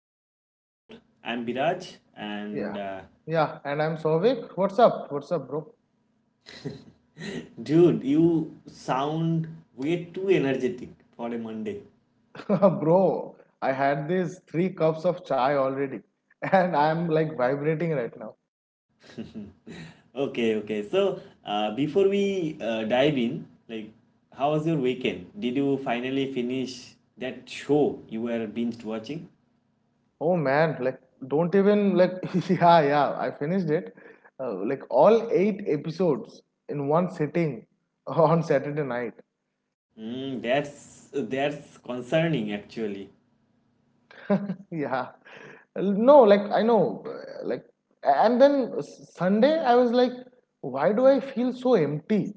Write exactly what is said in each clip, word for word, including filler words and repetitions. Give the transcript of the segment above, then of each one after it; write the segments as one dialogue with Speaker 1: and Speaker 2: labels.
Speaker 1: another episode. I'm Biraj,
Speaker 2: Yeah.
Speaker 1: and uh,
Speaker 2: Yeah. And I'm Souvik. What's up? What's up, bro?
Speaker 1: dude, you sound way too energetic for a Monday.
Speaker 2: Bro, I had these three cups of chai already. And I'm like vibrating right now.
Speaker 1: Okay, okay. So uh, before we uh, dive in, like, how was your weekend? Did you finally finish that show you were binge watching?
Speaker 2: Oh man, like don't even like yeah, yeah. I finished it. Uh, like all eight episodes in one sitting on Saturday night.
Speaker 1: Mm, that's that's concerning actually.
Speaker 2: Yeah. No, like I know, uh, like, and then s- Sunday I was like, why do I feel so empty?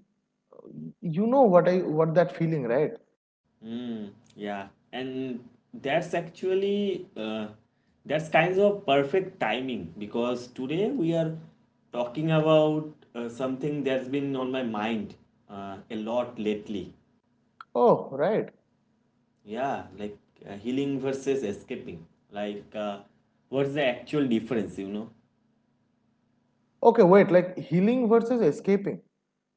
Speaker 2: You know what I what that feeling, right?
Speaker 1: Mm, yeah, and that's actually uh, that's kinds of perfect timing because today we are talking about uh, something that's been on my mind uh, a lot lately.
Speaker 2: Oh, right.
Speaker 1: Yeah, like uh, healing versus escaping. Like, uh, what's the actual difference, you know?
Speaker 2: Okay, wait, like healing versus escaping.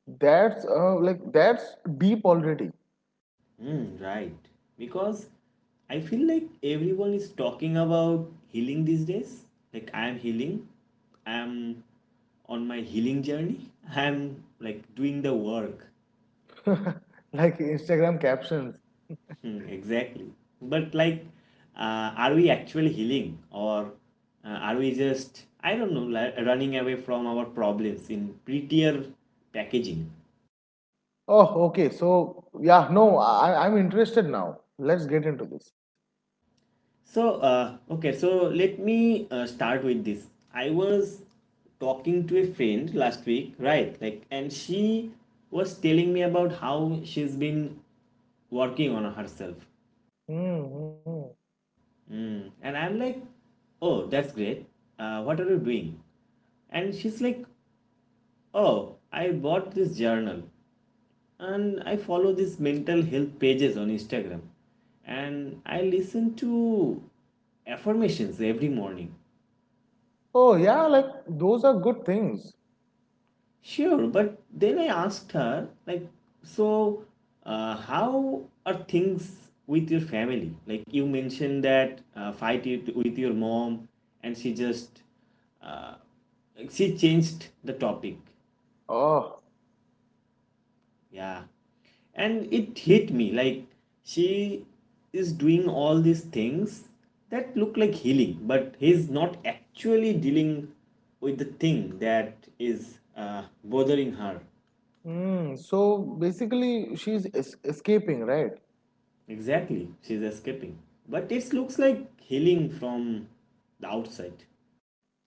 Speaker 2: That's uh, like that's deep already.
Speaker 1: Mm, right. Because I feel like everyone is talking about healing these days. Like I am healing. I am on my healing journey. I am like doing the work.
Speaker 2: Like Instagram captions.
Speaker 1: Hmm, exactly. But like, uh, are we actually healing, or uh, are we just, I don't know, like running away from our problems in prettier packaging?
Speaker 2: Oh, okay. So yeah, no, I I'm interested now. Let's get into this.
Speaker 1: So, uh, okay, so let me uh, start with this. I was talking to a friend last week, right? Like, and she was telling me about how she's been working on herself.
Speaker 2: Hmm.
Speaker 1: Mm. And I'm like, oh, that's great. Uh, what are you doing? And she's like, oh, I bought this journal and I follow these mental health pages on Instagram and I listen to affirmations every morning.
Speaker 2: Oh yeah, like those are good things.
Speaker 1: Sure, but then I asked her, like, so uh, how are things with your family? Like, you mentioned that uh, fight it with your mom, and she just uh, she changed the topic.
Speaker 2: Oh.
Speaker 1: Yeah, and it hit me like she is doing all these things that look like healing, but he's not actually dealing with the thing that is uh, bothering her.
Speaker 2: Mm, so basically she's es escaping, right?
Speaker 1: Exactly, she's escaping. But it looks like healing from the outside.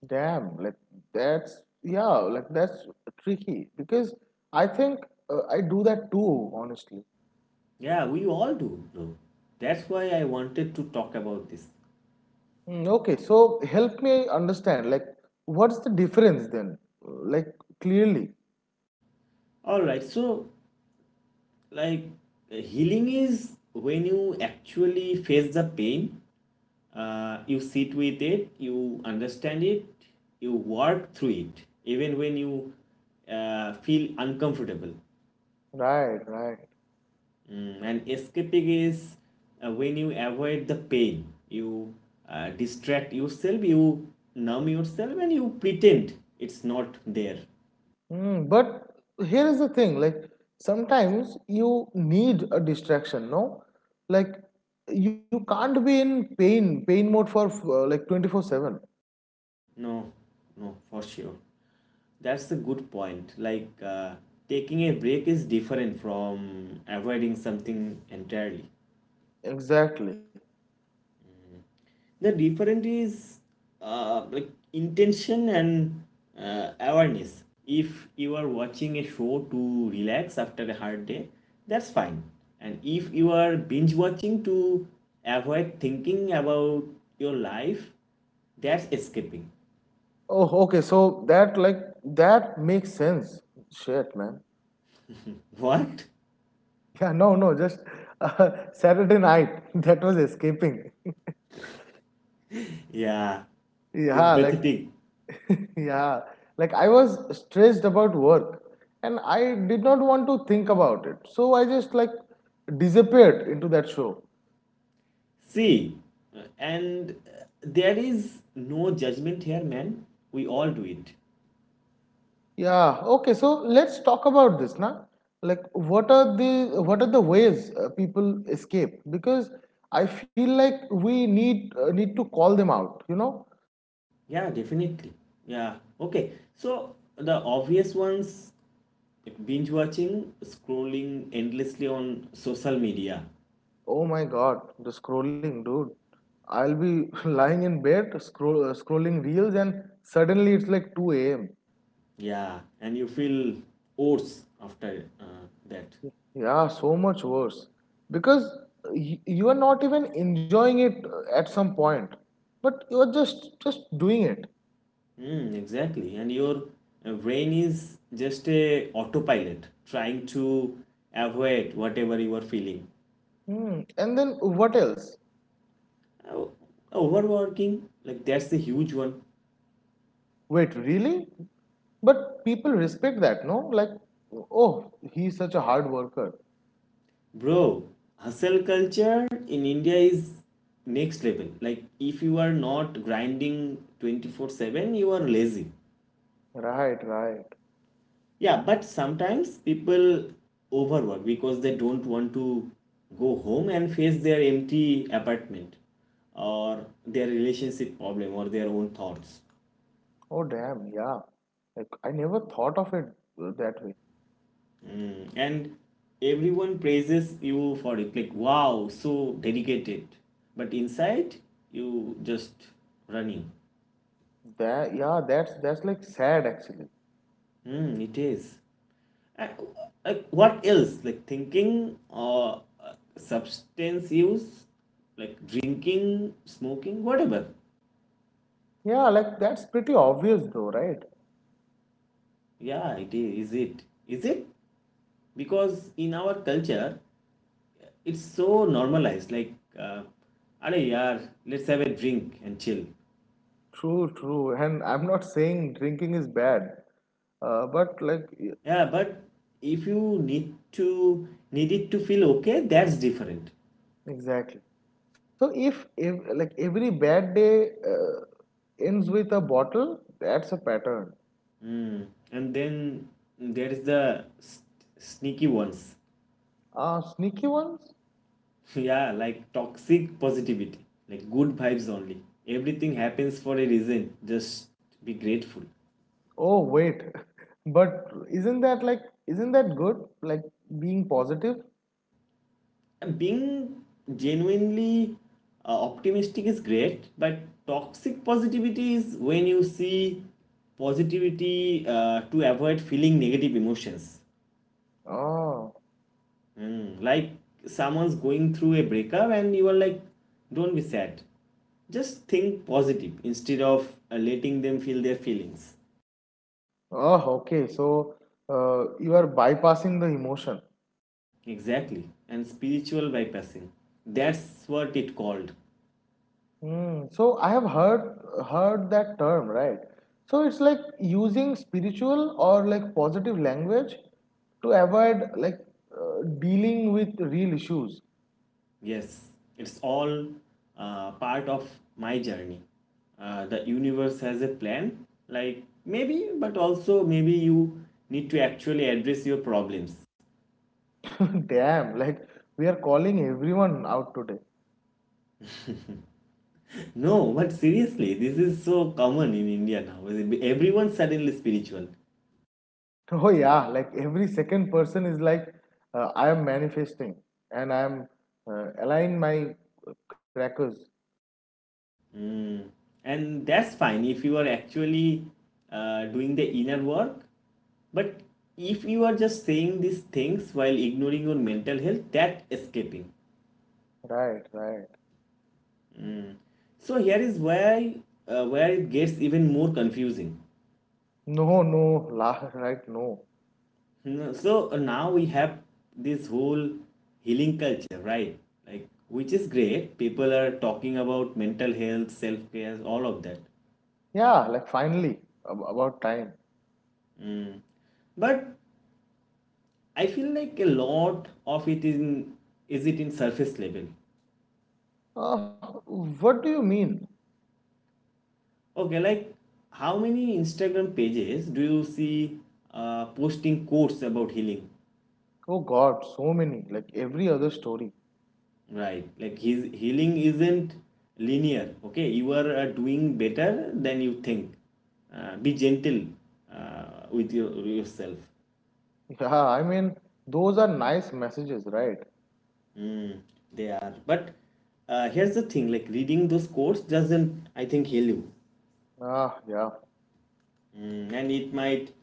Speaker 2: Damn, like that's yeah, like that's tricky because I think uh, I do that too, honestly.
Speaker 1: Yeah, we all do, bro. That's why I wanted to talk about this.
Speaker 2: Mm. Okay, so help me understand, like, what's the difference then? Like, clearly.
Speaker 1: Alright, so like healing is when you actually face the pain, uh, you sit with it, you understand it, you work through it, even when you uh, feel uncomfortable.
Speaker 2: Right, right.
Speaker 1: Mm, and escaping is uh, when you avoid the pain, you uh, distract yourself, you numb yourself, and you pretend it's not there.
Speaker 2: Mm, but here is the thing, like, sometimes you need a distraction, no? Like, you can't be in pain, pain mode for uh, like twenty-four seven.
Speaker 1: No, no, for sure. That's a good point. Like uh, taking a break is different from avoiding something entirely.
Speaker 2: Exactly.
Speaker 1: The difference is uh, like intention and uh, awareness. If you are watching a show to relax after a hard day, that's fine, and if you are binge watching to avoid thinking about your life, that's escaping.
Speaker 2: Oh, okay, so that, like, that makes sense. Shit, man.
Speaker 1: What?
Speaker 2: Yeah, no, no, just uh, Saturday night, that was escaping.
Speaker 1: yeah
Speaker 2: Yeah, like
Speaker 1: sympathetic.
Speaker 2: yeah, like I was stressed about work and I did not want to think about it. So I just like disappeared into that show.
Speaker 1: See, uh, and uh, there is no judgment here, man, we all do it.
Speaker 2: Yeah, okay, so let's talk about this now. Like what are the what are the ways uh, people escape? Because I feel like we need uh, need to call them out, you know?
Speaker 1: Yeah, definitely. Yeah. Okay. So the obvious ones: binge watching, scrolling endlessly on social media.
Speaker 2: Oh my God, the scrolling, dude. I'll be lying in bed scroll, uh, scrolling reels and suddenly it's like two a m.
Speaker 1: Yeah. And you feel worse after uh, that.
Speaker 2: Yeah, so much worse because y- you are not even enjoying it uh, at some point, but you are just just doing it.
Speaker 1: Mm, exactly. And your uh, brain is just a autopilot trying to avoid whatever you are feeling.
Speaker 2: Hmm. And then what else?
Speaker 1: Oh, overworking, like that's the huge one.
Speaker 2: Wait, really? But people respect that, no? Like, oh, he's such a hard worker.
Speaker 1: Bro, hustle culture in India is next level. Like, if you are not grinding twenty-four seven, you are lazy.
Speaker 2: Right, right.
Speaker 1: Yeah, but sometimes people overwork because they don't want to go home and face their empty apartment or their relationship problem or their own thoughts.
Speaker 2: Oh, damn, yeah. Like I never thought of it uh, that way.
Speaker 1: Mm. And everyone praises you for it, like, wow, so dedicated. But inside, you just running.
Speaker 2: That yeah, that's that's like sad actually.
Speaker 1: Mm, it is. And, like what else? Like thinking or uh, substance use, like drinking, smoking, whatever.
Speaker 2: Yeah, like that's pretty obvious though, right?
Speaker 1: Yeah, it is. Is it? Is it? Because in our culture, it's so normalized. Like, uh, are yaar, let's have a drink and chill.
Speaker 2: True, true. And I'm not saying drinking is bad, uh, but like y-
Speaker 1: Yeah, but if you need to need it to feel okay, that's different.
Speaker 2: Exactly. So if, if like every bad day uh, ends with a bottle, that's a pattern.
Speaker 1: Mm. And then there is the s- sneaky ones.
Speaker 2: Uh, sneaky ones?
Speaker 1: Yeah, like toxic positivity, like good vibes only. Everything happens for a reason. Just be grateful.
Speaker 2: Oh wait, but isn't that like isn't that good? Like being positive?
Speaker 1: And being genuinely uh, optimistic is great, but toxic positivity is when you see positivity uh, to avoid feeling negative emotions.
Speaker 2: Oh.
Speaker 1: Mm, like someone's going through a breakup and you are like, don't be sad. Just think positive, instead of uh, letting them feel their feelings.
Speaker 2: Oh, okay. So uh, you are bypassing the emotion.
Speaker 1: Exactly. And spiritual bypassing. That's what it called.
Speaker 2: Mm, so I have heard heard that term, right? So it's like using spiritual or like positive language to avoid like uh, dealing with real issues.
Speaker 1: Yes. It's all uh, part of my journey. Uh, the universe has a plan, like maybe, but also maybe you need to actually address your problems.
Speaker 2: Damn, like we are calling everyone out today.
Speaker 1: No, but seriously, this is so common in India now. Everyone suddenly spiritual.
Speaker 2: Oh yeah, like every second person is like uh, I am manifesting and I am uh, align my crackers.
Speaker 1: And that's fine if you are actually uh, doing the inner work, but if you are just saying these things while ignoring your mental health, that escaping.
Speaker 2: Right, right.
Speaker 1: So here is where uh, where it gets even more confusing.
Speaker 2: No, no, la, right, no.
Speaker 1: Hmm, so uh, now we have this whole healing culture, right? Like, which is great, people are talking about mental health, self-care, all of that,
Speaker 2: Yeah, like finally ab- about time.
Speaker 1: but I feel like a lot of it in is it in surface level.
Speaker 2: Uh, what do you mean?
Speaker 1: Okay, like how many Instagram pages do you see uh, posting quotes about healing?
Speaker 2: Oh God, so many, like every other story.
Speaker 1: Right, like his healing isn't linear. Okay, you are uh, doing better than you think. Uh, be gentle uh, with your, yourself.
Speaker 2: Yeah, I mean, those are nice messages, right?
Speaker 1: They are, but uh, here's the thing: like reading those quotes doesn't, I think, heal you.
Speaker 2: Ah, yeah.
Speaker 1: Mm, and it might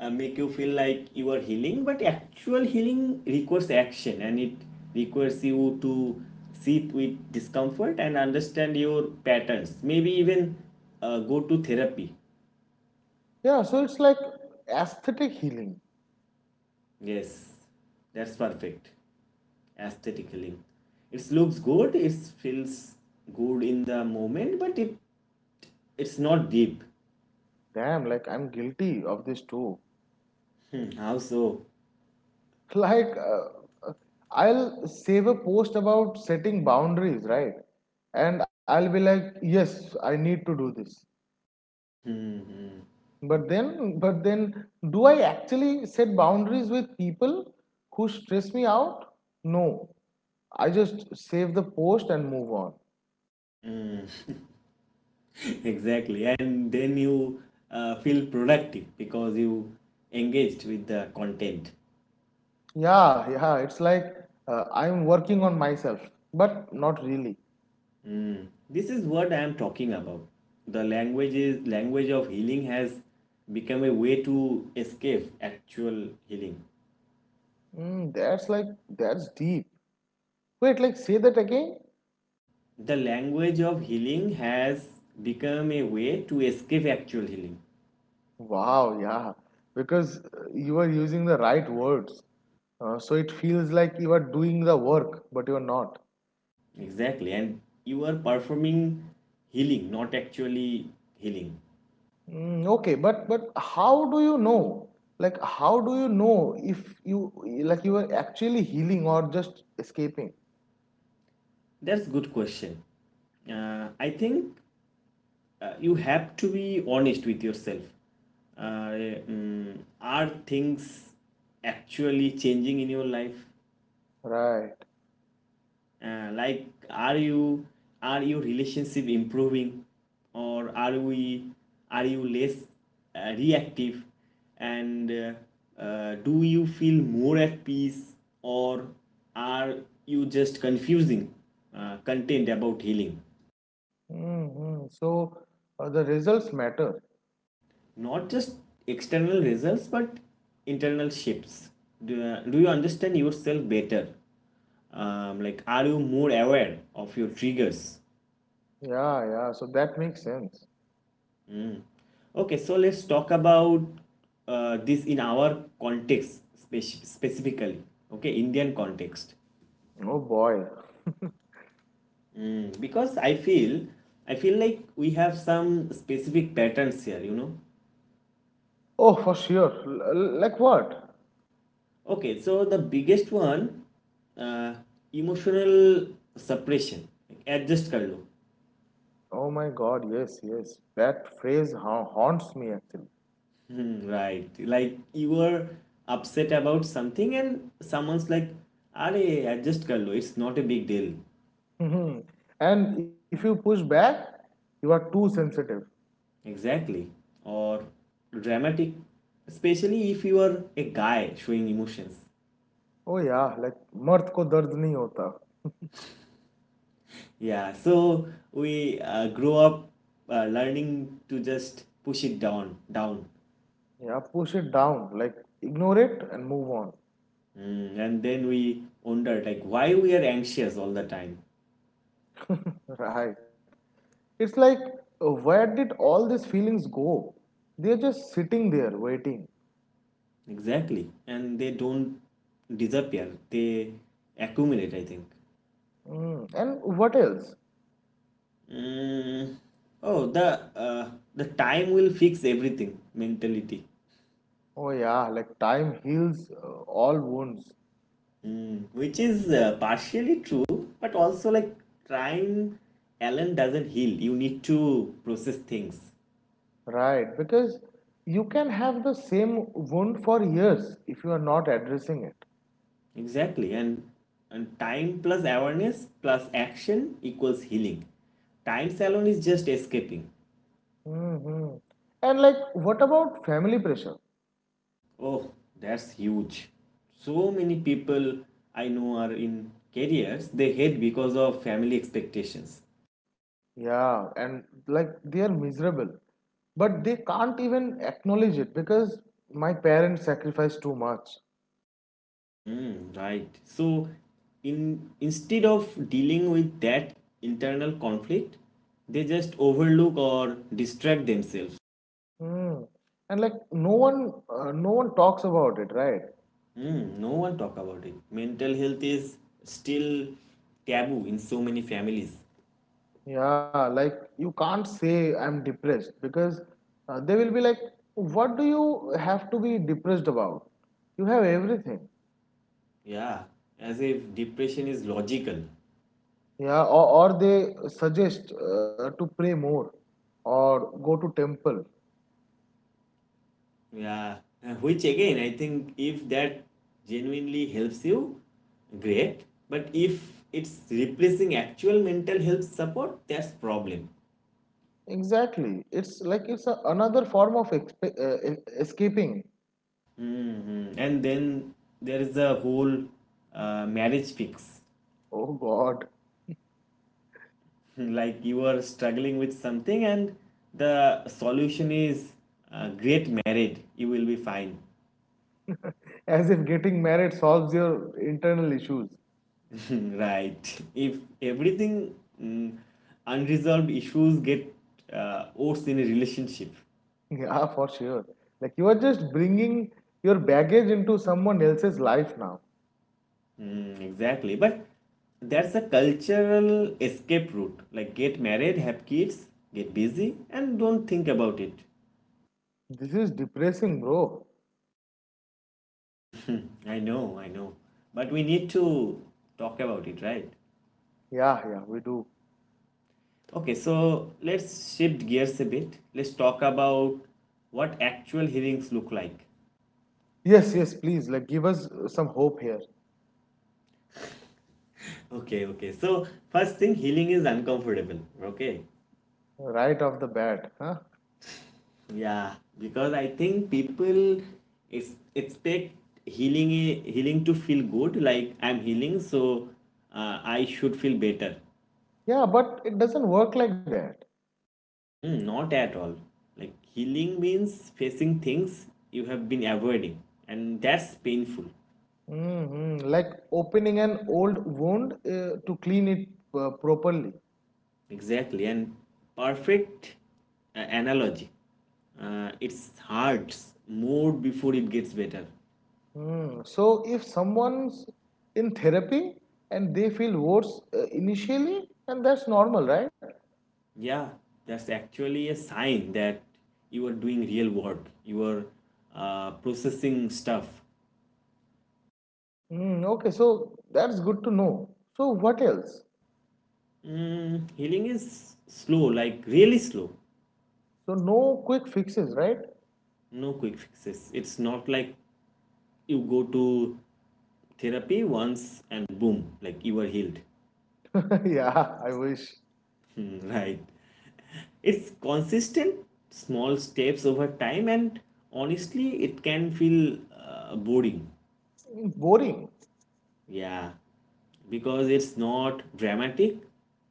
Speaker 1: uh, make you feel like you are healing, but actual healing requires action, and it requires you to sit with discomfort and understand your patterns. Maybe even uh, go to therapy.
Speaker 2: Yeah, so it's like aesthetic healing.
Speaker 1: Yes, that's perfect. Aesthetic healing. It looks good, it feels good in the moment, but it it's not deep.
Speaker 2: Damn, like I'm guilty of this too.
Speaker 1: Hmm, how so?
Speaker 2: Like, uh, uh, I'll save a post about setting boundaries, right? And I'll be like, yes, I need to do this. But then, but then, do I actually set boundaries with people who stress me out? No. I just save the post and move on.
Speaker 1: Hmm. Exactly, and then you uh, feel productive because you engaged with the content.
Speaker 2: Yeah, yeah, it's like uh, I'm working on myself, but not really.
Speaker 1: This is what I am talking about. The language is language of healing has become a way to escape actual healing.
Speaker 2: Mm, that's like, that's deep. Wait, like, say that again?
Speaker 1: The language of healing has become a way to escape actual healing.
Speaker 2: Wow, yeah, because uh, you are using the right words. Uh, so it feels like you are doing the work, but you are not.
Speaker 1: Exactly, and you are performing healing, not actually healing.
Speaker 2: Mm, okay, but but how do you know? Like, how do you know if you like you are actually healing or just escaping?
Speaker 1: That's good question. Uh, I think uh, you have to be honest with yourself. Uh, mm, are things actually changing in your life?
Speaker 2: Right.
Speaker 1: Uh, like, are you are your relationship improving, or are we are you less uh, reactive? And uh, uh, do you feel more at peace, or are you just confusing uh, content about healing?
Speaker 2: Mm-hmm. So uh, the results matter.
Speaker 1: Not just external results, but internal shifts. Do, uh, do you understand yourself better? Um, like, are you more aware of your triggers?
Speaker 2: Yeah, yeah. So that makes sense.
Speaker 1: Okay, so let's talk about uh, this in our context, spec- specifically, okay, Indian context.
Speaker 2: Oh boy.
Speaker 1: Mm, because i feel i feel like we have some specific patterns here, you know.
Speaker 2: Oh, for sure. L- l- like what?
Speaker 1: Okay, so the biggest one: uh, emotional suppression. Adjust कर लो.
Speaker 2: Oh my God. Yes, yes. That phrase ha- haunts me actually.
Speaker 1: Hmm. Right. Like you were upset about something and someone's like, are adjust kar lo, it's not a big deal.
Speaker 2: Mhm. And if you push back, you are too sensitive.
Speaker 1: Exactly. Or dramatic. Especially if you are a guy showing emotions.
Speaker 2: Oh yeah, like मर्द को दर्द नहीं होता.
Speaker 1: Yeah, so we uh, grow up uh, learning to just push it down, down.
Speaker 2: Yeah, push it down, like ignore it and move on.
Speaker 1: Mm, and then we wonder like why we are anxious all the time.
Speaker 2: Right. It's like, uh, where did all these feelings go? They're just sitting there waiting.
Speaker 1: Exactly. And they don't disappear. They accumulate, I think.
Speaker 2: Mm. And what else?
Speaker 1: Mm, oh, the uh, the time will fix everything mentality.
Speaker 2: Oh, yeah, like time heals uh, all wounds.
Speaker 1: Mm, which is uh, partially true, but also like time alone doesn't heal. You need to process things
Speaker 2: Right. Because you can have the same wound for years if you are not addressing it.
Speaker 1: exactly, and and time plus awareness plus action equals healing. Time alone is just escaping.
Speaker 2: Hmm. And like, what about family pressure?
Speaker 1: Oh, that's huge. So many people I know are in careers they hate because of family expectations.
Speaker 2: Yeah, and like they are miserable, but they can't even acknowledge it because my parents sacrificed too much.
Speaker 1: Mm, right. So, in instead of dealing with that internal conflict, they just overlook or distract themselves.
Speaker 2: Hmm. And like no one, uh, no one talks about it, right?
Speaker 1: Mm, no one talk about it. Mental health is still taboo in so many families.
Speaker 2: Yeah, like you can't say I'm depressed because uh, they will be like, what do you have to be depressed about? You have everything.
Speaker 1: Yeah, as if depression is logical.
Speaker 2: Yeah, or, or they suggest uh, to pray more or go to temple.
Speaker 1: Yeah. Uh, which again, I think if that genuinely helps you, great. But if it's replacing actual mental health support, that's problem.
Speaker 2: Exactly. It's like it's a, another form of exp- uh, e- escaping.
Speaker 1: Hmm. And then there is the whole uh, marriage fix.
Speaker 2: Oh God.
Speaker 1: Like you are struggling with something, and the solution is uh, great married, you will be fine.
Speaker 2: As if getting married solves your internal issues.
Speaker 1: Right. If everything mm, unresolved issues get uh, worse in a relationship.
Speaker 2: Yeah, for sure. Like you are just bringing your baggage into someone else's life now.
Speaker 1: Mm, exactly. But that's a cultural escape route. Like get married, have kids, get busy, and don't think about it.
Speaker 2: This is depressing, bro.
Speaker 1: Hmm. I know, I know. But we need to talk about it, right?
Speaker 2: Yeah, yeah, we do.
Speaker 1: Okay, so let's shift gears a bit. Let's talk about what actual healings look like.
Speaker 2: Yes, yes, please. Like give us uh, some hope here.
Speaker 1: Okay, okay. So, first thing, healing is uncomfortable. Okay.
Speaker 2: Right off the bat, huh?
Speaker 1: Yeah, because I think people ex- expect healing healing to feel good, like I'm healing, so uh, I should feel better.
Speaker 2: Yeah, but it doesn't work like that.
Speaker 1: Mm, not at all. Like healing means facing things you have been avoiding, and that's painful.
Speaker 2: Hmm. Like opening an old wound uh, to clean it uh, properly.
Speaker 1: Exactly, and perfect uh, analogy. Uh, it's hurts more before it gets better.
Speaker 2: Mm. So if someone's in therapy and they feel worse uh, initially, and that's normal, right?
Speaker 1: Yeah, that's actually a sign that you are doing real work. You are uh, processing stuff.
Speaker 2: Mm, okay, so that's good to know. So what else?
Speaker 1: Mm, healing is slow, like really slow.
Speaker 2: So no quick fixes, right?
Speaker 1: No quick fixes. It's not like you go to therapy once and boom, like you are healed.
Speaker 2: Yeah, I wish.
Speaker 1: Right. It's consistent, small steps over time, and honestly, it can feel uh, boring.
Speaker 2: Mm. Boring.
Speaker 1: Yeah, because it's not dramatic,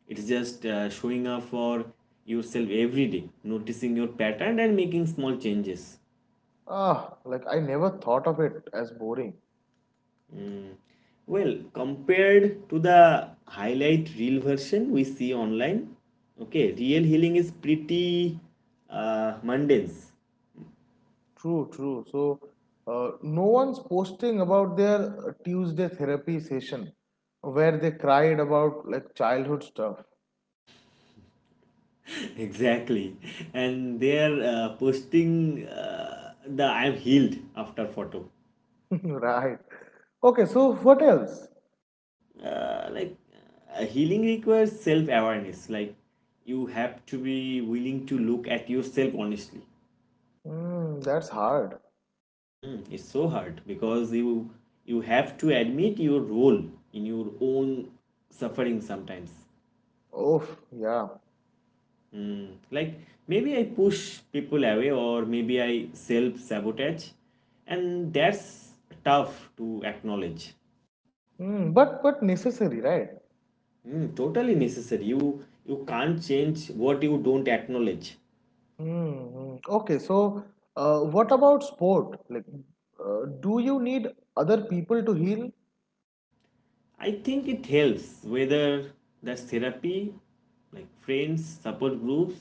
Speaker 1: it's just uh, showing up for yourself every day, noticing your pattern, and making small changes.
Speaker 2: Ah, like I never thought of it as boring.
Speaker 1: Well, compared to the highlight reel version we see online, okay, real healing is pretty uh, mundane.
Speaker 2: True, true. So uh, no one's posting about their uh, Tuesday therapy session where they cried about like childhood stuff.
Speaker 1: Exactly. And they are uh, posting uh, the I am healed after photo.
Speaker 2: Right. Okay, so what else?
Speaker 1: Uh, like, uh, Healing requires self awareness. Like, you have to be willing to look at yourself honestly.
Speaker 2: Mm, that's hard.
Speaker 1: Mm, it's so hard because you you have to admit your role in your own suffering sometimes.
Speaker 2: Oh, yeah.
Speaker 1: Mm, like maybe I push people away or maybe I self sabotage, and that's tough to acknowledge.
Speaker 2: Mm, but but necessary, right?
Speaker 1: Mm, totally necessary. You you can't change what you don't acknowledge.
Speaker 2: Mm, mm. Okay, so uh, what about sport? Like, uh, do you need other people to heal?
Speaker 1: I think it helps whether that's therapy, like friends, support groups.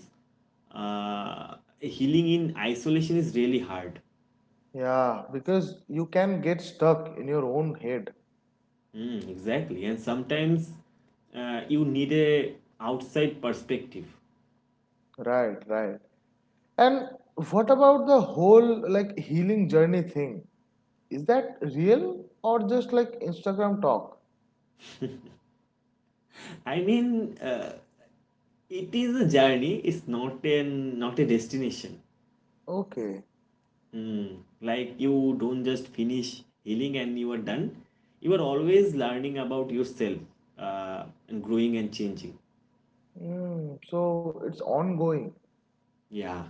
Speaker 1: Uh, healing in isolation is really hard.
Speaker 2: Yeah, because you can get stuck in your own head.
Speaker 1: Mm, exactly, and sometimes uh, you need a outside perspective.
Speaker 2: Right, right. And what about the whole like healing journey thing? Is that real or just like Instagram talk?
Speaker 1: I mean, uh, it is a journey. It's not an not a destination.
Speaker 2: Okay.
Speaker 1: Mm, like you don't just finish healing and you are done. You are always learning about yourself uh, and growing and changing.
Speaker 2: Mm, so it's ongoing.
Speaker 1: Yeah,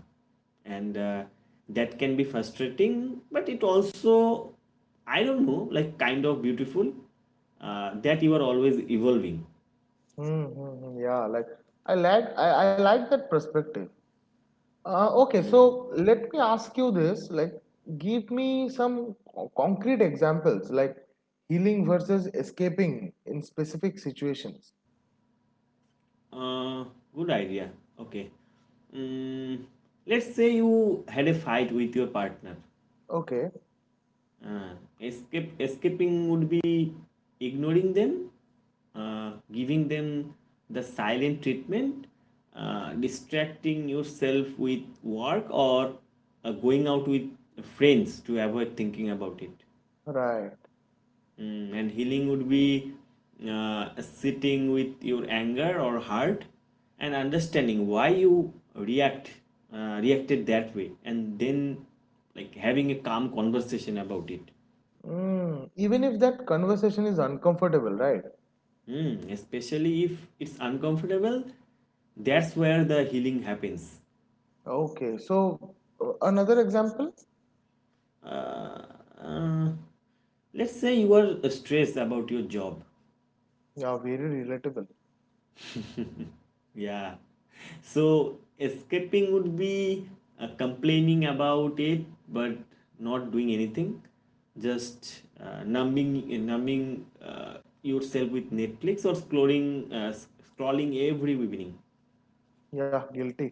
Speaker 1: and uh, that can be frustrating, but it also, I don't know, like kind of beautiful uh, that you are always evolving.
Speaker 2: Mm, mm, mm, yeah, like I like I, I like that perspective. Uh, okay, so let me ask you this, like give me some co- concrete examples, like healing versus escaping in specific situations.
Speaker 1: Uh, good idea. Okay. Mm, let's say you had a fight with your partner.
Speaker 2: Okay.
Speaker 1: Uh, escape Escaping would be ignoring them, uh, giving them the silent treatment, uh, distracting yourself with work, or uh, going out with friends to avoid thinking about it.
Speaker 2: Right.
Speaker 1: Mm, and healing would be uh, sitting with your anger or hurt and understanding why you react uh, reacted that way, and then like having a calm conversation about it.
Speaker 2: Mm, even if that conversation is uncomfortable, right?
Speaker 1: Mm, especially if it's uncomfortable, that's where the healing happens.
Speaker 2: Okay, so uh, another example?
Speaker 1: Uh, uh, let's say you are stressed about your job.
Speaker 2: Yeah, very relatable.
Speaker 1: Yeah. So escaping would be uh, complaining about it but not doing anything, just uh, numbing numbing uh, yourself with Netflix or scrolling uh, scrolling every evening.
Speaker 2: Yeah, guilty.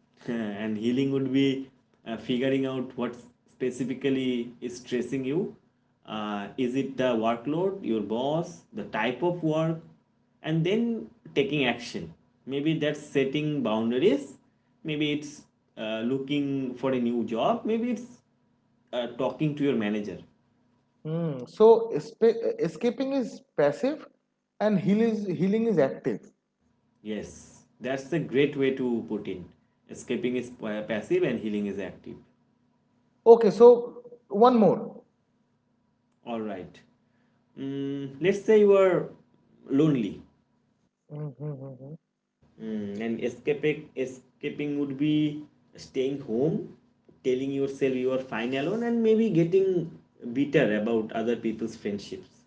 Speaker 1: And healing would be uh, figuring out what specifically is stressing you. Uh, is it the workload, your boss, the type of work, and then taking action? Maybe that's setting boundaries. Maybe it's uh, looking for a new job. Maybe it's uh, talking to your manager.
Speaker 2: Hmm. So espa- escaping is passive, and healing is healing is active.
Speaker 1: Yes, that's a great way to put in. Escaping is uh, passive and healing is active.
Speaker 2: Okay. So one more.
Speaker 1: All right. Mm, let's say you are lonely,
Speaker 2: Mm-hmm.
Speaker 1: mm, and escaping escaping would be staying home, telling yourself you are fine alone, and maybe getting bitter about other people's friendships.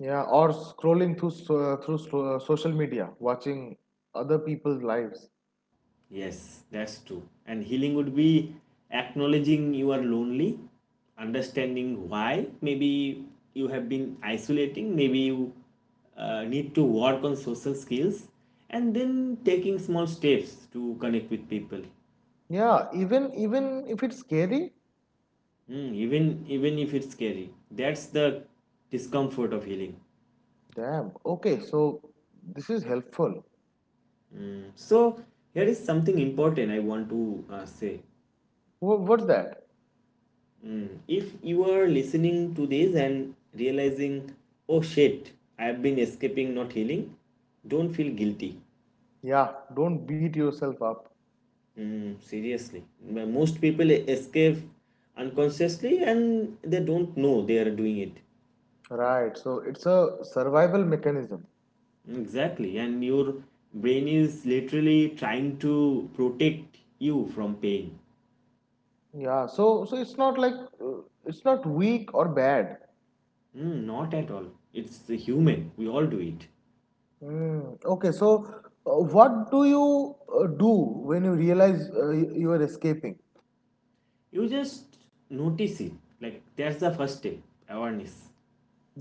Speaker 2: Yeah. Or scrolling through so- through so- social media, watching other people's lives.
Speaker 1: Yes, that's true. And healing would be acknowledging you are lonely, understanding why. Maybe you have been isolating, maybe you uh, need to work on social skills, and then taking small steps to connect with people.
Speaker 2: Yeah. Even even if it's scary.
Speaker 1: Mm, even even if it's scary. That's the discomfort of healing.
Speaker 2: Damn. Okay. So this is helpful.
Speaker 1: So here is something important I want to uh, say.
Speaker 2: Wha- What's that?
Speaker 1: Mm. If you are listening to this and realizing, oh shit, I have been escaping, not healing, don't feel guilty.
Speaker 2: Yeah. Don't beat yourself up.
Speaker 1: Mm, seriously. Most people escape unconsciously and they don't know they are doing it.
Speaker 2: Right. So it's a survival mechanism.
Speaker 1: Exactly. And your brain is literally trying to protect you from pain.
Speaker 2: Yeah. So so it's not like uh, it's not weak or bad.
Speaker 1: Mm, not at all. It's human. We all do it.
Speaker 2: Mm, okay, so uh, what do you uh, do when you realize uh, y- you are escaping?
Speaker 1: You just notice it. Like, that's the first step awareness.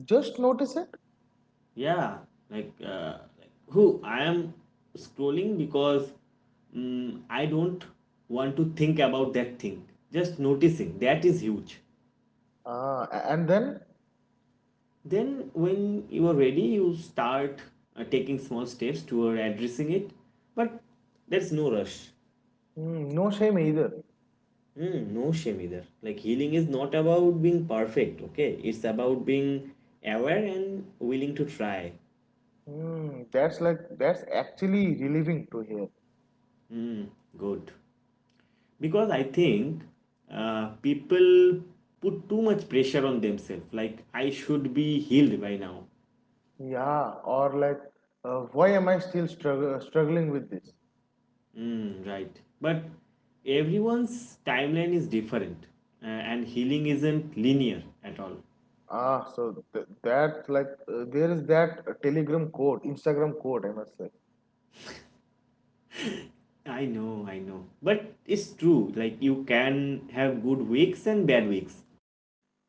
Speaker 2: Just notice it,
Speaker 1: Yeah, like uh, like who I am scrolling because mm, I don't want to think about that thing. Just noticing that is huge.
Speaker 2: ah, a- and then
Speaker 1: Then when you are ready, you start uh, taking small steps toward addressing it, but there's no rush.
Speaker 2: mm, no shame either.
Speaker 1: Hmm, no shame either. Like healing is not about being perfect, okay, it's about being aware and willing to try.
Speaker 2: Mm, that's like that's actually relieving to hear.
Speaker 1: Good, because I think uh, people put too much pressure on themselves like I should be healed by now.
Speaker 2: Yeah, or like, uh, why am I still strugg- uh, struggling with this?
Speaker 1: Mm, right, but everyone's timeline is different, uh, and healing isn't linear at all.
Speaker 2: Ah, so th- that like uh, there is that uh, Telegram code, Instagram code, I must say.
Speaker 1: I know i know but it's true, like you can have good weeks and bad weeks.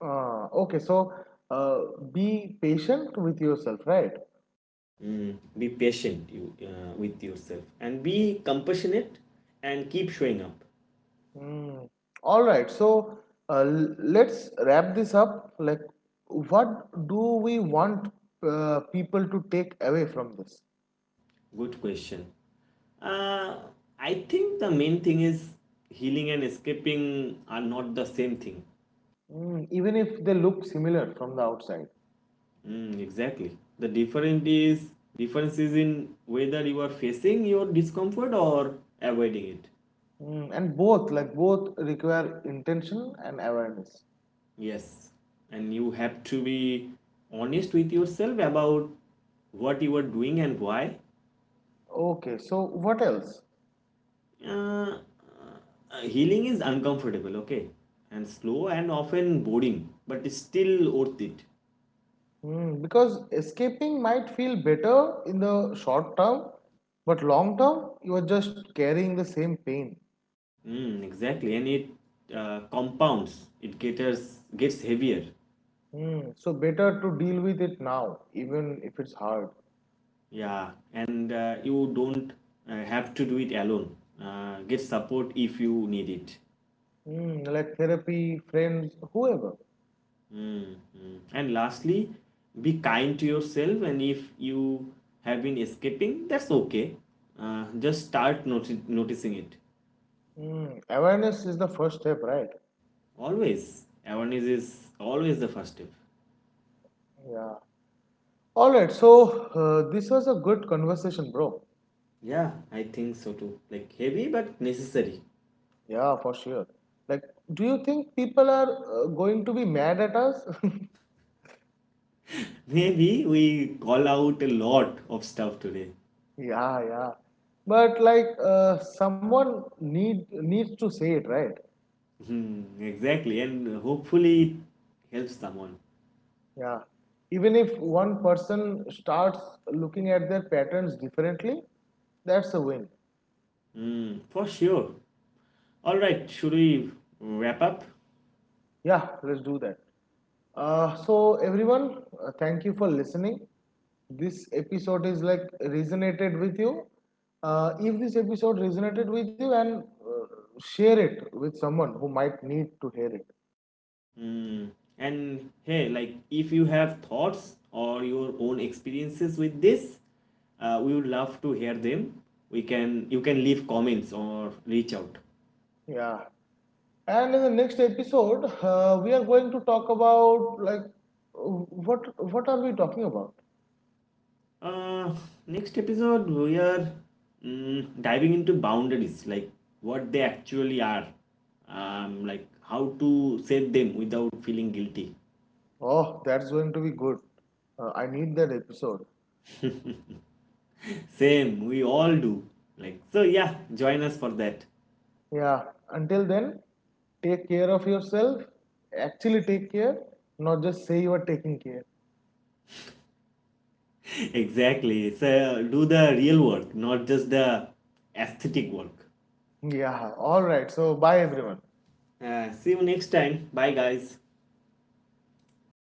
Speaker 2: Ah, okay, so uh, be patient with yourself, right?
Speaker 1: Mm, be patient you uh, with yourself and be compassionate, and keep showing up.
Speaker 2: Mm. All right. So uh, let's wrap this up. Like, what do we want uh, people to take away from this?
Speaker 1: Good question. Uh, I think the main thing is healing and escaping are not the same thing.
Speaker 2: Mm, even if they look similar from the outside.
Speaker 1: Mm, exactly. The difference is difference is in whether you are facing your discomfort or avoiding it.
Speaker 2: Mm, and both, like, both require intention and awareness.
Speaker 1: Yes, and you have to be honest with yourself about what you are doing and why.
Speaker 2: Okay. So what else?
Speaker 1: Uh, uh, healing is uncomfortable, okay, and slow and often boring, but it's still worth it.
Speaker 2: Mm, because escaping might feel better in the short term, but long term, you are just carrying the same pain.
Speaker 1: Mm, exactly, and it uh, compounds. It gets gets heavier.
Speaker 2: Mm, so better to deal with it now, even if it's hard.
Speaker 1: Yeah, and uh, you don't uh, have to do it alone. Uh, get support if you need it.
Speaker 2: Mm, like therapy, friends, whoever.
Speaker 1: Mm, mm. And lastly, be kind to yourself. And if you have been escaping, that's okay. Uh, just start noti- noticing it.
Speaker 2: Mm, awareness is the first step, right?
Speaker 1: Always, awareness is always the first step.
Speaker 2: Yeah. All right. So uh, this was a good conversation, bro.
Speaker 1: Yeah, I think so too. Like heavy but necessary.
Speaker 2: Yeah, for sure. Like, do you think people are uh, going to be mad at us?
Speaker 1: Maybe we call out a lot of stuff today.
Speaker 2: Yeah, yeah. But like, uh, someone need needs to say it, right?
Speaker 1: Hmm, exactly, and hopefully it helps someone.
Speaker 2: Yeah. Even if one person starts looking at their patterns differently, that's a win.
Speaker 1: Hmm, for sure. All right, should we wrap up?
Speaker 2: Yeah, let's do that. Uh, so, everyone, uh, thank you for listening. This episode is like resonated with you. Uh, if this episode resonated with you, and uh, share it with someone who might need to hear it.
Speaker 1: Hmm, and hey, like if you have thoughts or your own experiences with this, uh, we would love to hear them. We can You can leave comments or reach out.
Speaker 2: Yeah. And in the next episode, uh, we are going to talk about like uh, what what are we talking about?
Speaker 1: Uh, next episode, we are mm, diving into boundaries, like what they actually are, um, like how to set them without feeling guilty.
Speaker 2: Oh, that's going to be good. Uh, I need that episode.
Speaker 1: Same, we all do. Like so, yeah. Join us for that.
Speaker 2: Yeah, until then, take care of yourself. Actually, take care, not just say you are taking care.
Speaker 1: Exactly. So do the real work, not just the aesthetic work.
Speaker 2: Yeah, alright. So, bye everyone.
Speaker 1: Uh, see you next time. Bye, guys.